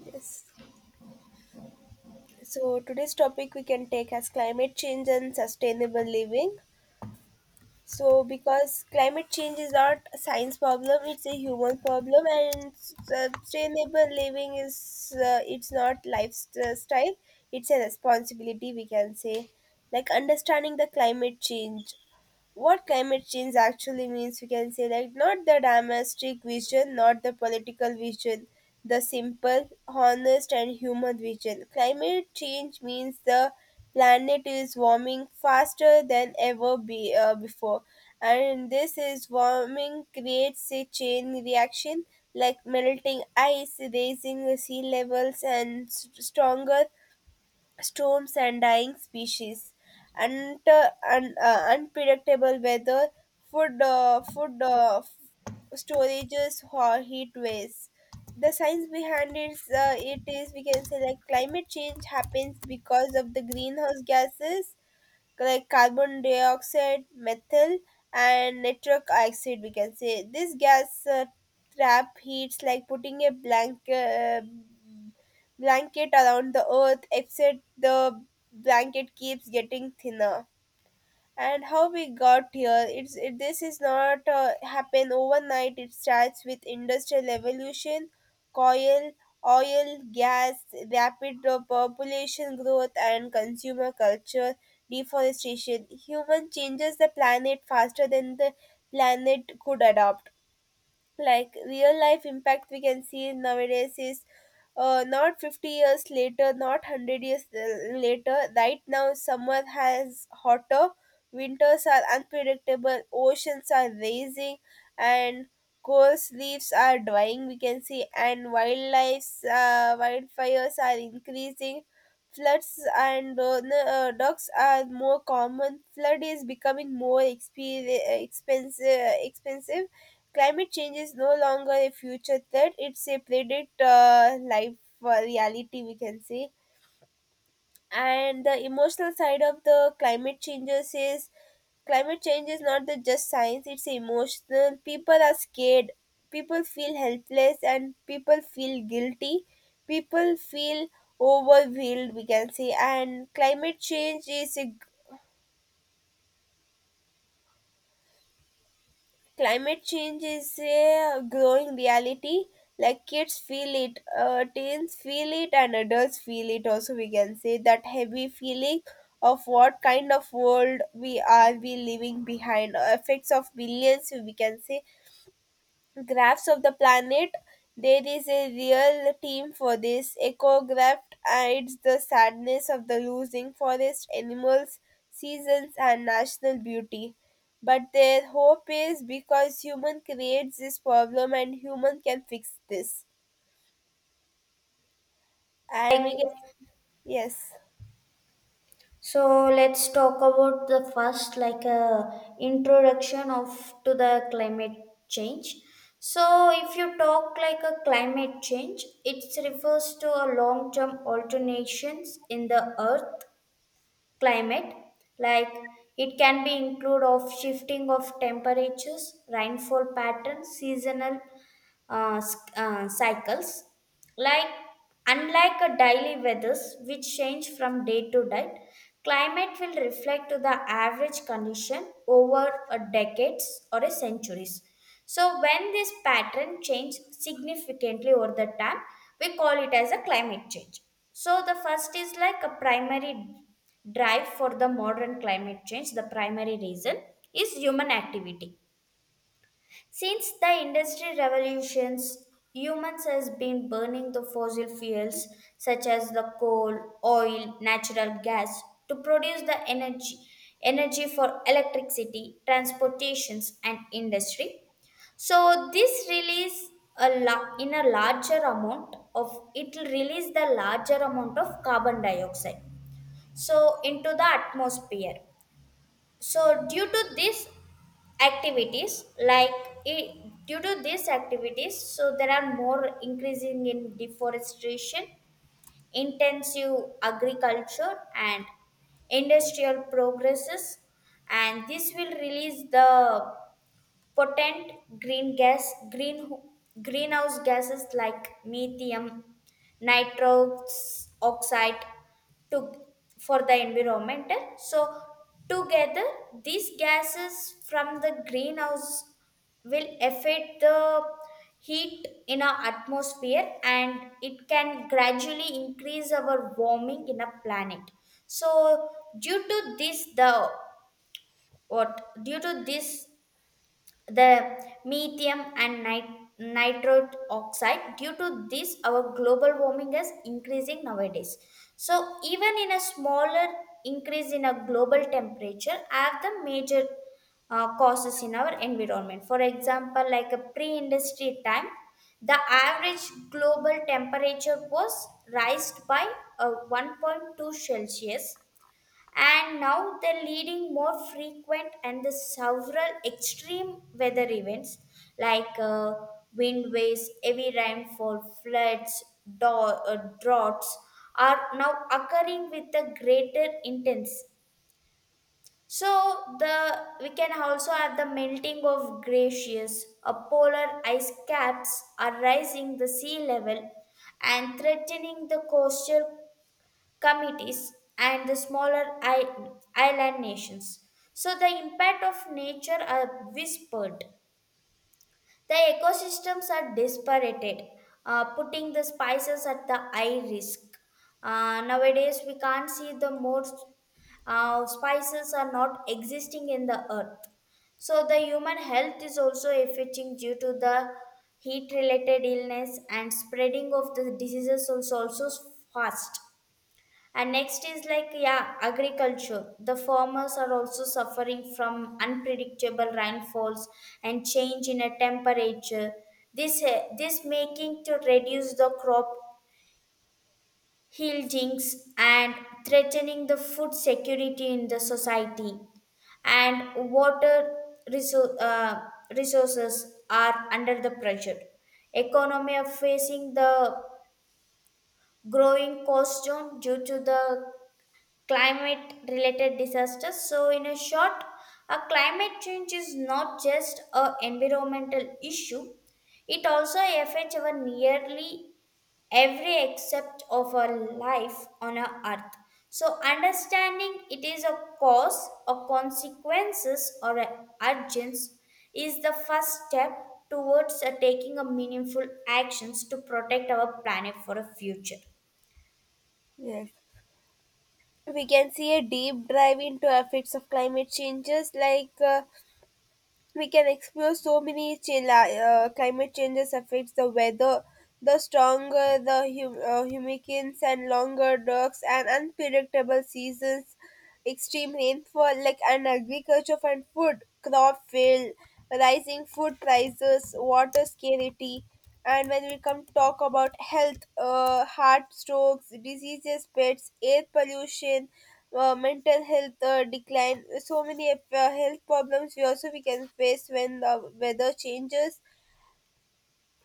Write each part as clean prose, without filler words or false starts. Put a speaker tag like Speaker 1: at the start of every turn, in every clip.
Speaker 1: Yes. So today's topic we can take as climate change and sustainable living. So because climate change is not a science problem, it's a human problem, and sustainable living is it's not lifestyle, it's a responsibility we can say. Like understanding the climate change, what climate change actually means we can say, like not the domestic vision, not the political vision, the simple honest and human vision. Climate change means the planet is warming faster than ever before, and this is warming creates a chain reaction like melting ice, raising sea levels, and stronger storms and dying species, and unpredictable weather, food uh, food uh, f- storages or heat waves. The science behind it is, it is, we can say, like climate change happens because of the greenhouse gases like carbon dioxide, methyl, and nitric oxide. We can say this gas trap heats like putting a blanket around the earth, except the blanket keeps getting thinner. And how we got here, this is not happen overnight. It starts with industrial revolution, coal, oil, gas, rapid population growth and consumer culture, deforestation. Human changes the planet faster than the planet could adopt. Like real life impact we can see nowadays is not 50 years later, not 100 years later. Right now, summer has hotter, winters are unpredictable, oceans are rising, and coarse leaves are drying, we can see, and wildlife, wildfires are increasing. Floods and docks are more common. Flood is becoming more expensive, expensive. Climate change is no longer a future threat, it's a predicted life reality, we can say. And the emotional side of the climate changes is climate change is not the just science, it's emotional. People are scared, people feel helpless, and people feel guilty. People feel overwhelmed, we can say. And climate change is a Climate change is a growing reality. Like kids feel it, teens feel it, and adults feel it. Also, we can say that heavy feeling of what kind of world we are we leaving behind. Effects of billions, we can say, graphs of the planet. There is a real team for this. EcoGraft hides the sadness of the losing forest, animals, seasons, and national beauty. But their hope is because human creates this problem and human can fix this. And we can, yes.
Speaker 2: So let's talk about the first, like a introduction of to the climate change. So if you talk like a climate change, it refers to a long-term alternations in the earth climate, like it can be include of shifting of temperatures, rainfall patterns, seasonal cycles. Like unlike a daily weathers which change from day to day, climate will reflect to the average condition over a decades or a centuries. So when this pattern changes significantly over the time, we call it as a climate change. So the first is like a primary drive for the modern climate change. The primary reason is human activity. Since the industrial revolutions, humans has been burning the fossil fuels such as the coal, oil, natural gas to produce the energy for electricity, transportations and industry. So this release in a larger amount of it will release the larger amount of carbon dioxide so into the atmosphere. So activities like i- due to these activities, so there are more increasing in deforestation, intensive agriculture and industrial progresses, and this will release the potent green gas, green, greenhouse gases like methane, nitrous oxide to, for the environment. So, together, these gases from the greenhouse will affect the heat in our atmosphere, and it can gradually increase our warming in a planet. So due to this the due to this the methane and nitrate oxide, due to this our global warming is increasing nowadays. So even in a smaller increase in a global temperature have the major causes in our environment. For example, like a pre-industry time, the average global temperature was raised by 1.2°C, and now they're leading more frequent and the several extreme weather events like wind waves, heavy rainfall, floods, droughts are now occurring with a greater intensity. So the we can also have the melting of glaciers, a polar ice caps are rising the sea level and threatening the coastal committees, and the smaller island nations. So the impact of nature are whispered. The ecosystems are disparated, putting the spices at the high risk. Nowadays, we can't see the more spices are not existing in the earth. So the human health is also affecting due to the heat related illness and spreading of the diseases also fast. And next is like, yeah, agriculture. The farmers are also suffering from unpredictable rainfalls and change in a temperature. This making to reduce the crop yieldings and threatening the food security in the society. And water resou- uh, resources are under the pressure. Economy are facing the growing cost zone due to the climate related disasters. So in a short, a climate change is not just a environmental issue, it also affects our nearly every aspect of our life on our earth. So understanding it is a cause or consequences or a urgence is the first step towards taking a meaningful actions to protect our planet for a future.
Speaker 1: Yes, we can see a deep dive into effects of climate changes like we can explore so many climate changes affects the weather, the stronger the hurricanes and longer darks and unpredictable seasons, extreme rainfall, like, and agriculture and food crop fail, rising food prices, water scarcity. And when we come talk about health, heart strokes, diseases, pets, air pollution, mental health decline, so many health problems we also we can face when the weather changes.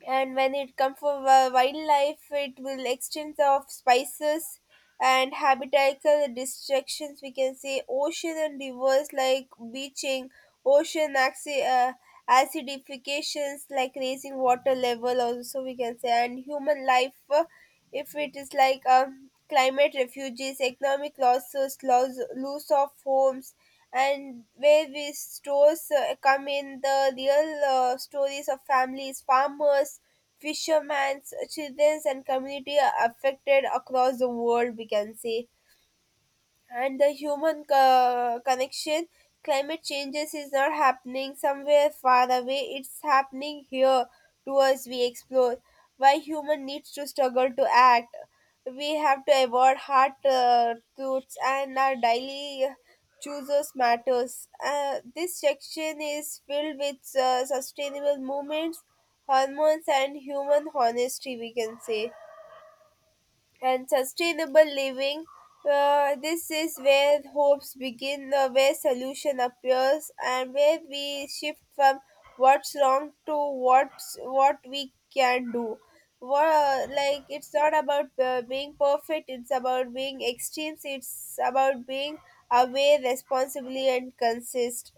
Speaker 1: And when it comes for wildlife, it will extend of spices and habitatical distractions, we can say. Ocean and rivers like beaching, ocean axi- uh, acidifications, like raising water level, also we can say. And human life, if it is like climate refugees, economic losses, loss of homes. And where these stores come in the real stories of families, farmers, fishermen, children, and community affected across the world, we can say. And the human connection, climate changes is not happening somewhere far away, it's happening here to us. We explore why human needs to struggle to act. We have to avoid hard truths, and our daily chooses matters. This section is filled with sustainable movements, hormones, and human honesty, we can say. And sustainable living. This is where hopes begin, where solution appears, and where we shift from what's wrong to what's what we can do. What, like it's not about being perfect; it's about being extremes. It's about being aware, responsibly, and consist.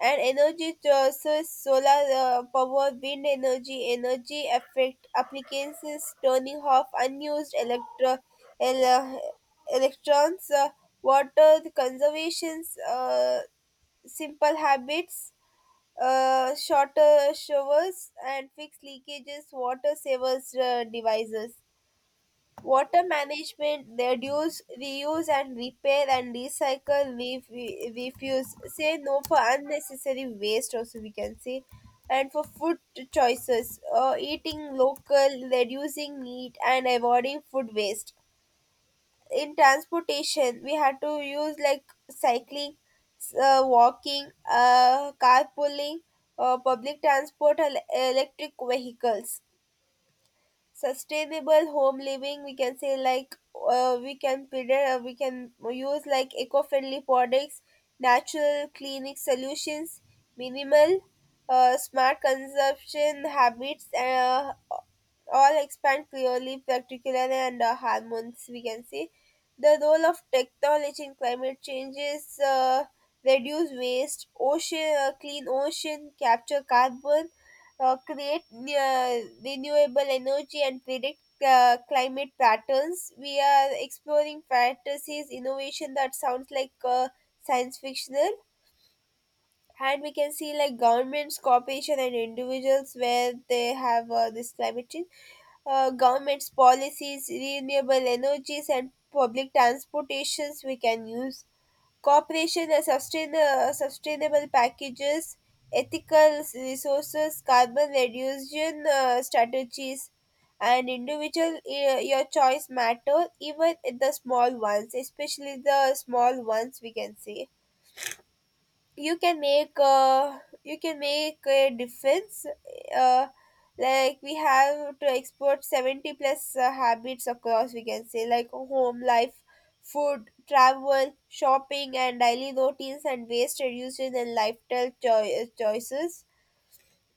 Speaker 1: And energy sources, solar power, wind energy, energy effect applications, turning off unused ele- electrons, water conservations, simple habits, shorter showers, and fixed leakages, water savers devices. Water management, reduce, reuse and repair and recycle, refuse. Say no for unnecessary waste, also we can say. And for food choices, eating local, reducing meat and avoiding food waste. In transportation, we had to use like cycling, walking, carpooling, public transport, electric vehicles, sustainable home living, we can say. Like we can predict, we can use like eco-friendly products, natural cleaning solutions, minimal smart consumption habits, all expand clearly particularly under hormones, we can see. The role of technology in climate change is reduce waste, ocean clean ocean, capture carbon, create renewable energy, and predict climate patterns. We are exploring fantasies innovation that sounds like science fictional. And we can see like governments, corporation, and individuals where they have this climate change, government's policies, renewable energies, and public transportations we can use. Cooperation, sustainable packages, ethical resources, carbon reduction strategies, and individual your choice matter, even the small ones, especially the small ones, we can say. You can make you can make a difference. uh, like we have to export 70 plus habits across, we can say, like home life, food, travel, shopping, and daily routines and waste reduction and lifestyle choices.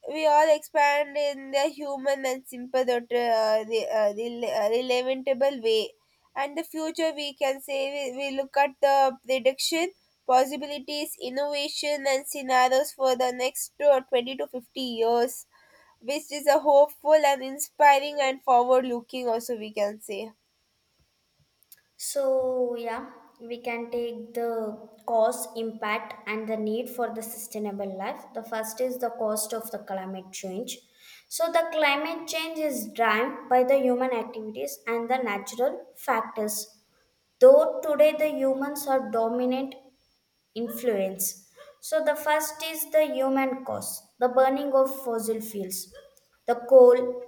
Speaker 1: We all expand in the human and sympathetic, relatable way. And the future, we can say, we look at the prediction, possibilities, innovation, and scenarios for the next 20 to 50 years, which is a hopeful and inspiring and forward looking, also, we can say.
Speaker 2: So, yeah, we can take the cost, impact, and the need for the sustainable life. The first is the cost of the climate change. So, the climate change is driven by the human activities and the natural factors. Though today the humans are dominant influence. So, the first is the human cost, the burning of fossil fuels, the coal,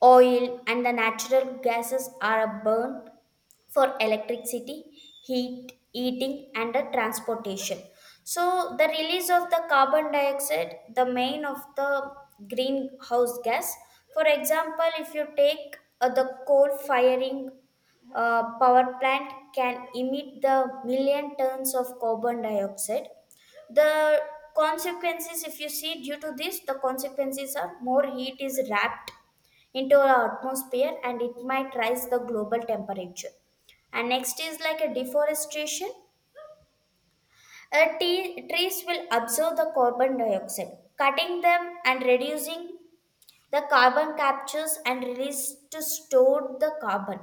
Speaker 2: oil and the natural gases are burned for electricity, heat, eating, and the transportation. So, the release of the carbon dioxide, the main of the greenhouse gas. For example, if you take the coal firing power plant can emit the million tons of carbon dioxide. The consequences, if you see, due to this, the consequences are more heat is wrapped into our atmosphere and it might rise the global temperature. And next is like a deforestation. Trees will absorb the carbon dioxide, cutting them and reducing the carbon captures and release to store the carbon.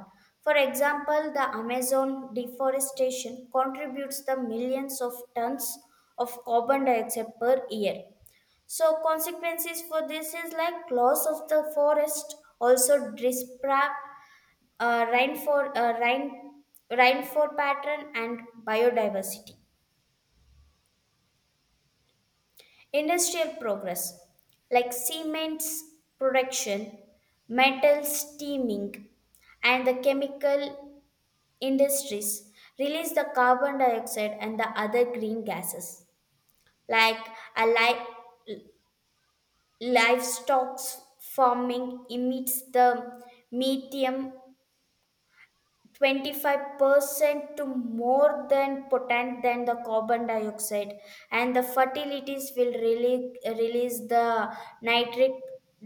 Speaker 2: For example, the amazon deforestation contributes the millions of tons of carbon dioxide per year. So consequences for this is like loss of the forest also disrupt uh, rainfall, uh, rain, rainfall pattern and biodiversity. Industrial progress like cements production, metal steaming, and the chemical industries release the carbon dioxide and the other green gases, like a li- livestock farming emits the methane, 25% to more than potent than the carbon dioxide. And the fertilities will really release the nitric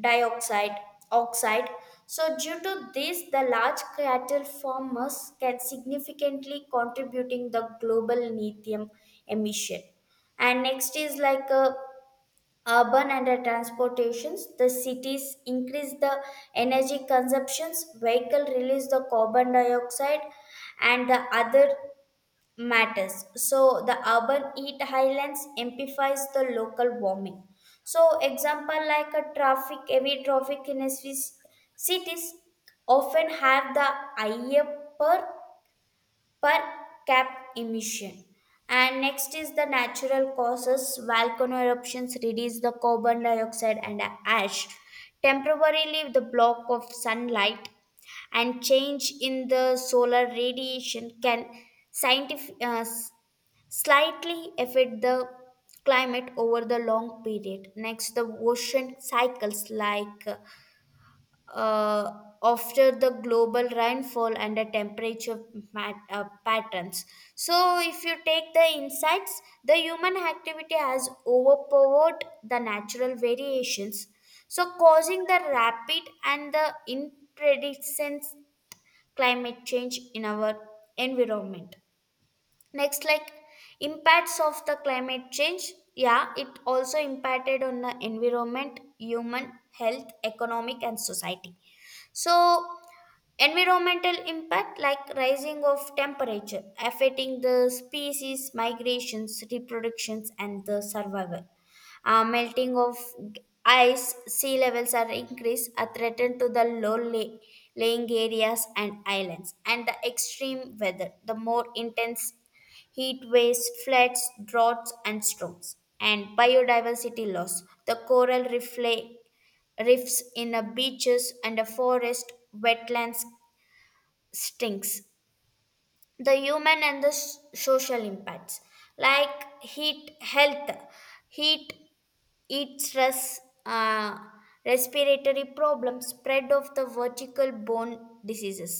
Speaker 2: dioxide oxide. So due to this, the large cattle farmers can significantly contributing the global lithium emission. And next is like a urban and the transportations. The cities increase the energy consumptions, vehicle release the carbon dioxide and the other matters. So the urban heat islands amplifies the local warming. So example like a traffic heavy traffic in a Swiss cities often have the higher per per cap emission. And next is the natural causes. Volcano eruptions release the carbon dioxide and ash, temporarily the block of sunlight, and change in the solar radiation can scientific, uh, s- slightly affect the climate over the long period. Next, the ocean cycles like uh, after the global rainfall and the temperature patterns. So, if you take the insights, the human activity has overpowered the natural variations, so causing the rapid and the unprecedented climate change in our environment. Next, like impacts of the climate change. Yeah, it also impacted on the environment, human health, economic, and society. So, environmental impact like rising of temperature affecting the species migrations, reproductions, and the survival. Melting of ice, sea levels are increased, are threatened to the low laying areas and islands, and the extreme weather, the more intense heat waves, floods, droughts, and storms, and biodiversity loss, the coral reef rifts in a beaches and a forest wetlands stinks, the human and the social impacts like heat health heat heat stress, uh, respiratory problems, spread of the vertical bone diseases.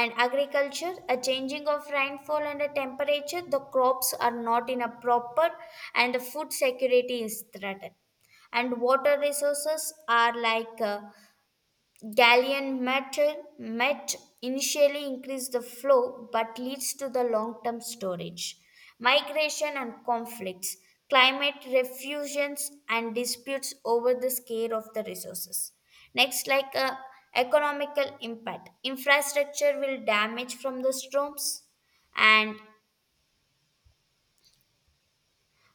Speaker 2: And agriculture a changing of rainfall and the temperature, the crops are not in a proper and the food security is threatened. And water resources are like gallium metal met initially increase the flow but leads to the long-term storage, migration and conflicts, climate refusions and disputes over the scale of the resources. Next, like economical impact, infrastructure will damage from the storms and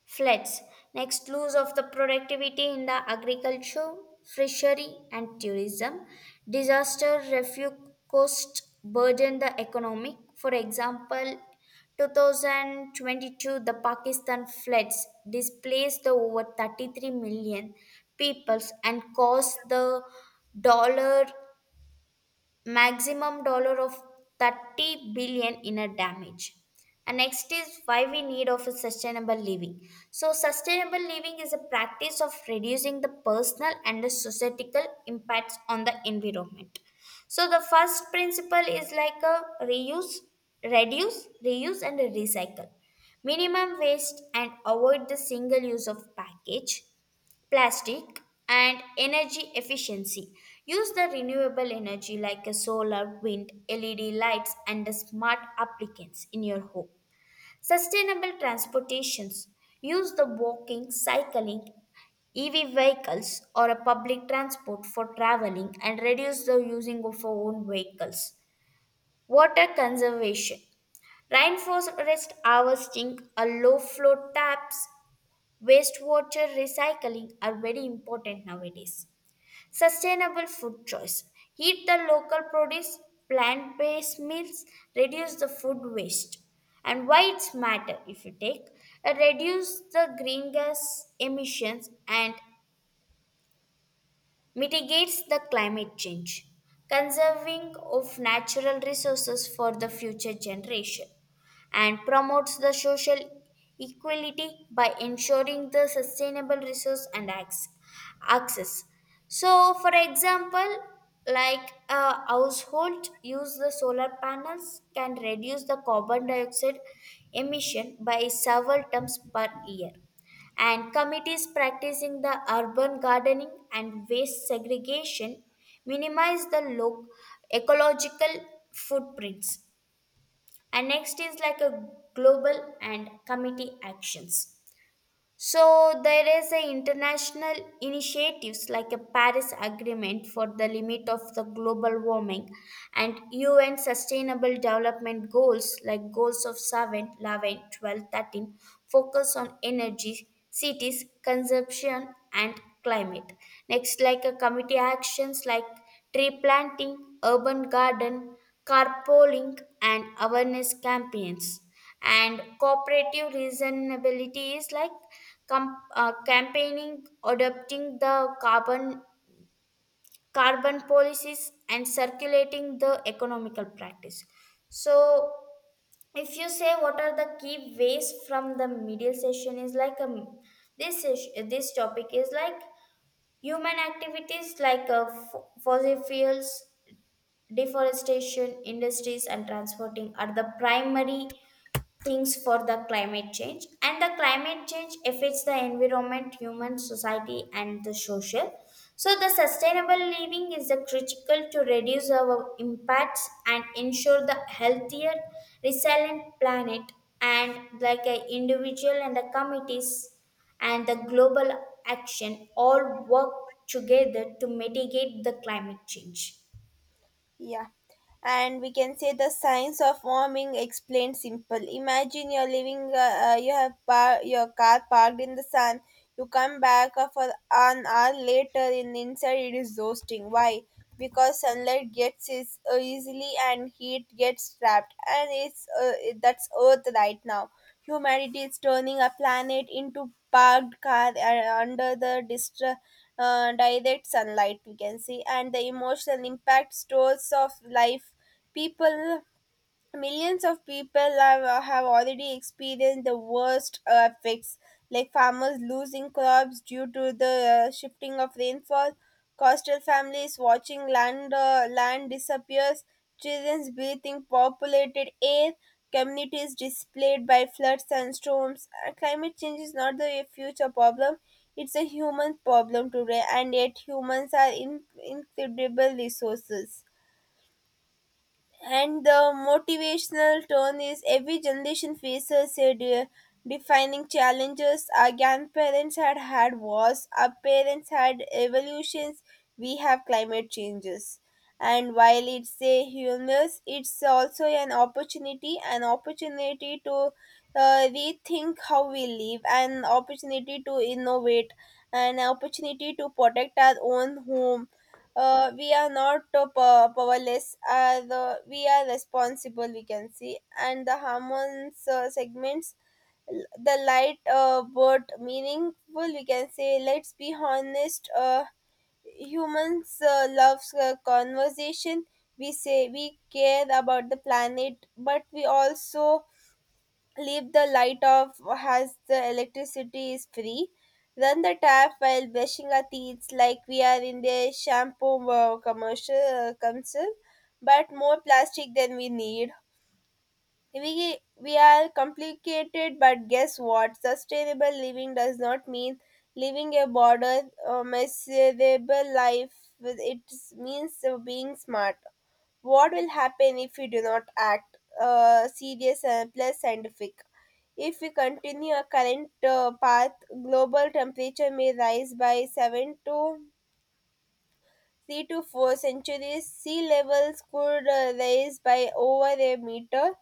Speaker 2: floods, next loss of the productivity in the agriculture, fishery and tourism, disaster refuge cost burden the economic. For example, 2022 the Pakistan floods displaced the over 33 million peoples and caused the dollar maximum dollar of 30 billion in a damage. And next is why we need of a sustainable living. So sustainable living is a practice of reducing the personal and the societal impacts on the environment. So the first principle is like a reuse reduce, reuse and recycle, minimum waste and avoid the single use of package plastic. And energy efficiency, use the renewable energy like a solar, wind, led lights and the smart applicants in your home. Sustainable transportations, use the walking, cycling, EV vehicles or a public transport for traveling and reduce the using of your own vehicles. Water conservation, rainforest harvesting, a low flow taps, wastewater recycling are very important nowadays. Sustainable food choice. Eat the local produce, plant based meals, reduce the food waste. And why it's matter, if you take reduce the greenhouse emissions and mitigates the climate change, conserving of natural resources for the future generation, and promotes the social equality by ensuring the sustainable resource and access. So, for example, like a household use the solar panels can reduce the carbon dioxide emission by several tons per year, and committees practicing the urban gardening and waste segregation minimize the ecological footprints. And next is like a global and committee actions. So there is a international initiatives like a Paris Agreement for the limit of the global warming, and UN Sustainable Development Goals, like goals of 7, 11, 12, 13, focus on energy, cities, consumption and climate. Next like a committee actions, like tree planting, urban garden, carpooling and awareness campaigns. And cooperative reasonability is like campaigning, adopting the carbon policies, and circulating the economical practice. So, if you say what are the key ways from the media session, is like a this is, this topic is like, human activities like fossil fuels, deforestation, industries, and transporting are the primary things for the climate change. And the climate change affects the environment, human society and the social. So the sustainable living is the critical to reduce our impacts and ensure the healthier resilient planet. And like a individual and the committees and the global action all work together to mitigate the climate change.
Speaker 1: Yeah. And we can say the science of warming explained simple. Imagine you're living, you have your car parked in the sun. You come back for an hour later, and inside it is roasting. Why? Because sunlight gets is easily and heat gets trapped, and that's Earth right now. Humanity is turning a planet into parked car under the direct sunlight, we can see. And the emotional impact stories of life people. Millions of people have already experienced the worst effects, like farmers losing crops due to the shifting of rainfall, coastal families watching land disappears, children breathing populated air, communities displaced by floods and storms. Climate change is not the future problem; it's a human problem today, and yet humans are incredible resources. And the motivational tone is every generation faces a defining challenges. Our grandparents had wars, our parents had evolutions, we have climate changes. And while it's a humorous, it's also an opportunity to rethink how we live, an opportunity to innovate, an opportunity to protect our own home. We are not powerless. We are responsible, we can see. And the hormones segments, the light but meaningful, we can say. Let's be honest, humans loves conversation. We say we care about the planet, but we also leave the light off as the electricity is free, run the tap while brushing our teeth like we are in the shampoo commercial council, but more plastic than we need. We are complicated. But guess what, sustainable living does not mean living a border miserable life. It means being smart. What will happen if we do not act, serious and plus scientific. If we continue our current path, global temperature may rise by 7 to three to four centuries, sea levels could rise by over a meter.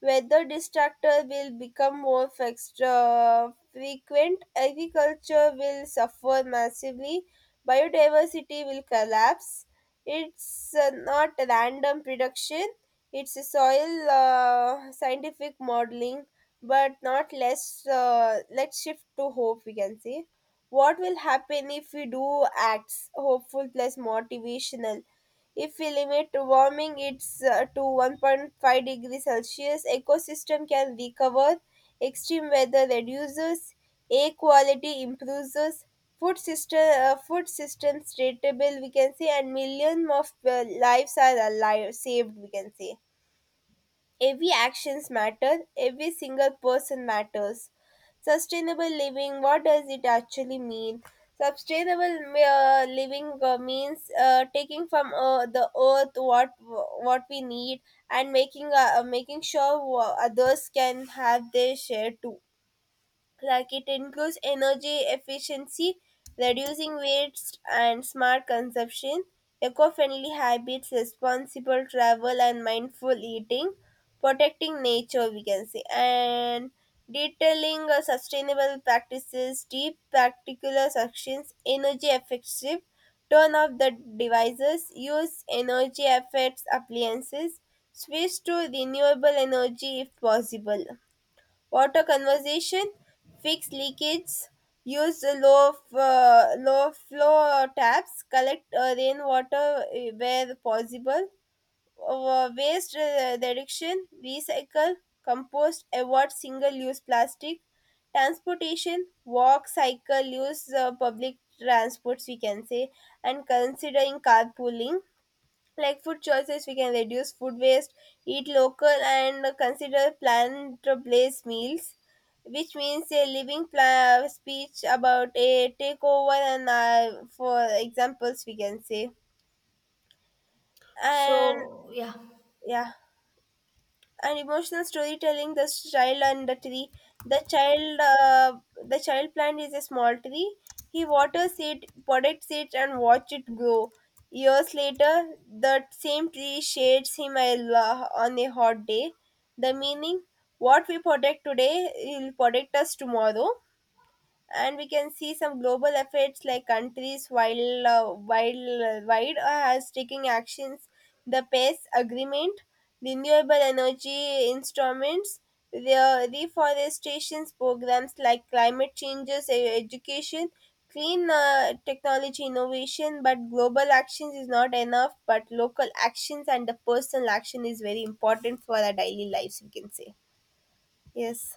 Speaker 1: Weather distractors will become more frequent. Agriculture will suffer massively. Biodiversity will collapse. It's not random prediction. It's a soil scientific modeling, but not less. Let's shift to hope. We can see. What will happen if we do acts, hopeful plus motivational? If we limit warming it's to 1.5 degrees Celsius, ecosystem can recover, extreme weather reduces, air quality improves, food system stable, we can say, and millions of lives are alive saved, we can say. Every actions matter, every single person matters. Sustainable living, what does it actually mean? Sustainable living means taking from the earth what we need, and making making sure others can have their share too. Like it includes energy efficiency, reducing waste and smart consumption, eco-friendly habits, responsible travel and mindful eating, protecting nature, we can say. And detailing sustainable practices, deep practical actions, energy effective, turn off the devices, use energy effects appliances, switch to renewable energy if possible. Water conservation, fix leakages, use low flow taps, collect rainwater where possible, reduction, recycle, compost, avoid single use plastic. Transportation, walk, cycle, use public transports, we can say, and considering carpooling. Like food choices, we can reduce food waste, eat local, and consider plant-based meals, which means a living speech about a takeover, and for examples, we can say. And
Speaker 2: So, yeah.
Speaker 1: yeah, and emotional storytelling, the child and the tree. the child uh, the child plant is a small tree, he waters it, protects it, and watch it grow. Years later, the same tree shades him a on a hot day. The meaning, what we protect today will protect us tomorrow. And we can see some global efforts like countries while wide are taking actions, the pace agreement, renewable energy instruments, the reforestation programs, like climate changes education, clean technology innovation. But global actions is not enough, but local actions and the personal action is very important for our daily lives, we can say. Yes.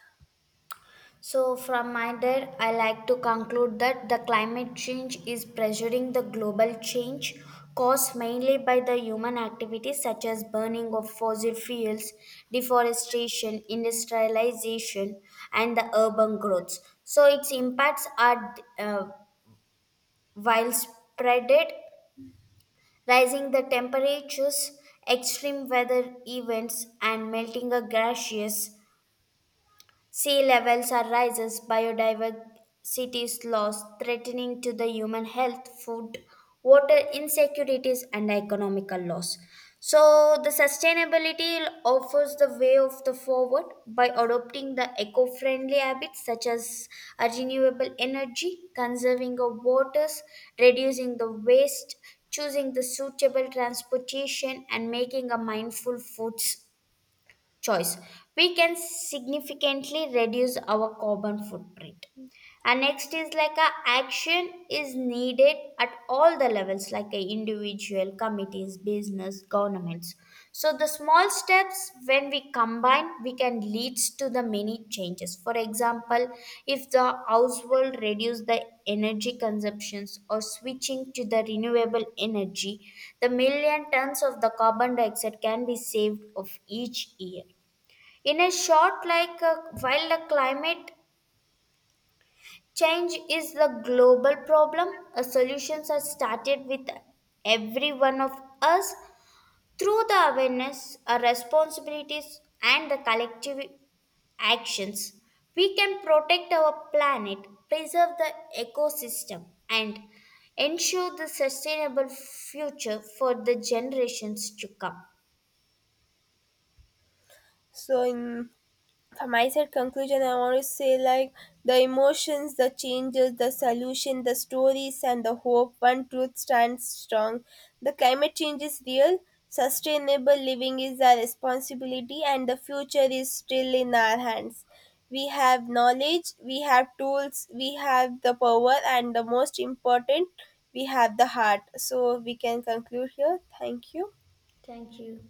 Speaker 2: So, from my end, I like to conclude that the climate change is pressuring the global change caused mainly by the human activities such as burning of fossil fuels, deforestation, industrialization, and the urban growth. So, its impacts are widespread, rising the temperatures, extreme weather events, and melting of glaciers. Sea levels are rises, biodiversity is lost, threatening to the human health, food, water insecurities, and economical loss. So the sustainability offers the way of the forward by adopting the eco-friendly habits such as a renewable energy, conserving of waters, reducing the waste, choosing the suitable transportation, and making a mindful foods choice, we can significantly reduce our carbon footprint. And next is like a action is needed at all the levels, like a individual, committees, business, governments. So the small steps when we combine, we can leads to the many changes. For example, if the household reduce the energy consumptions or switching to the renewable energy, the million tons of the carbon dioxide can be saved of each year. In a short, like while the climate change is the global problem, solutions are started with every one of us through the awareness, our responsibilities, and the collective actions. We can protect our planet, preserve the ecosystem, and ensure the sustainable future for the generations to come.
Speaker 1: So, in for my side conclusion, I want to say like the emotions, the changes, the solution, the stories, and the hope, one truth stands strong. The climate change is real, sustainable living is our responsibility, and the future is still in our hands. We have knowledge, we have tools, we have the power, and the most important, we have the heart. So we can conclude here, thank you.
Speaker 2: Thank you.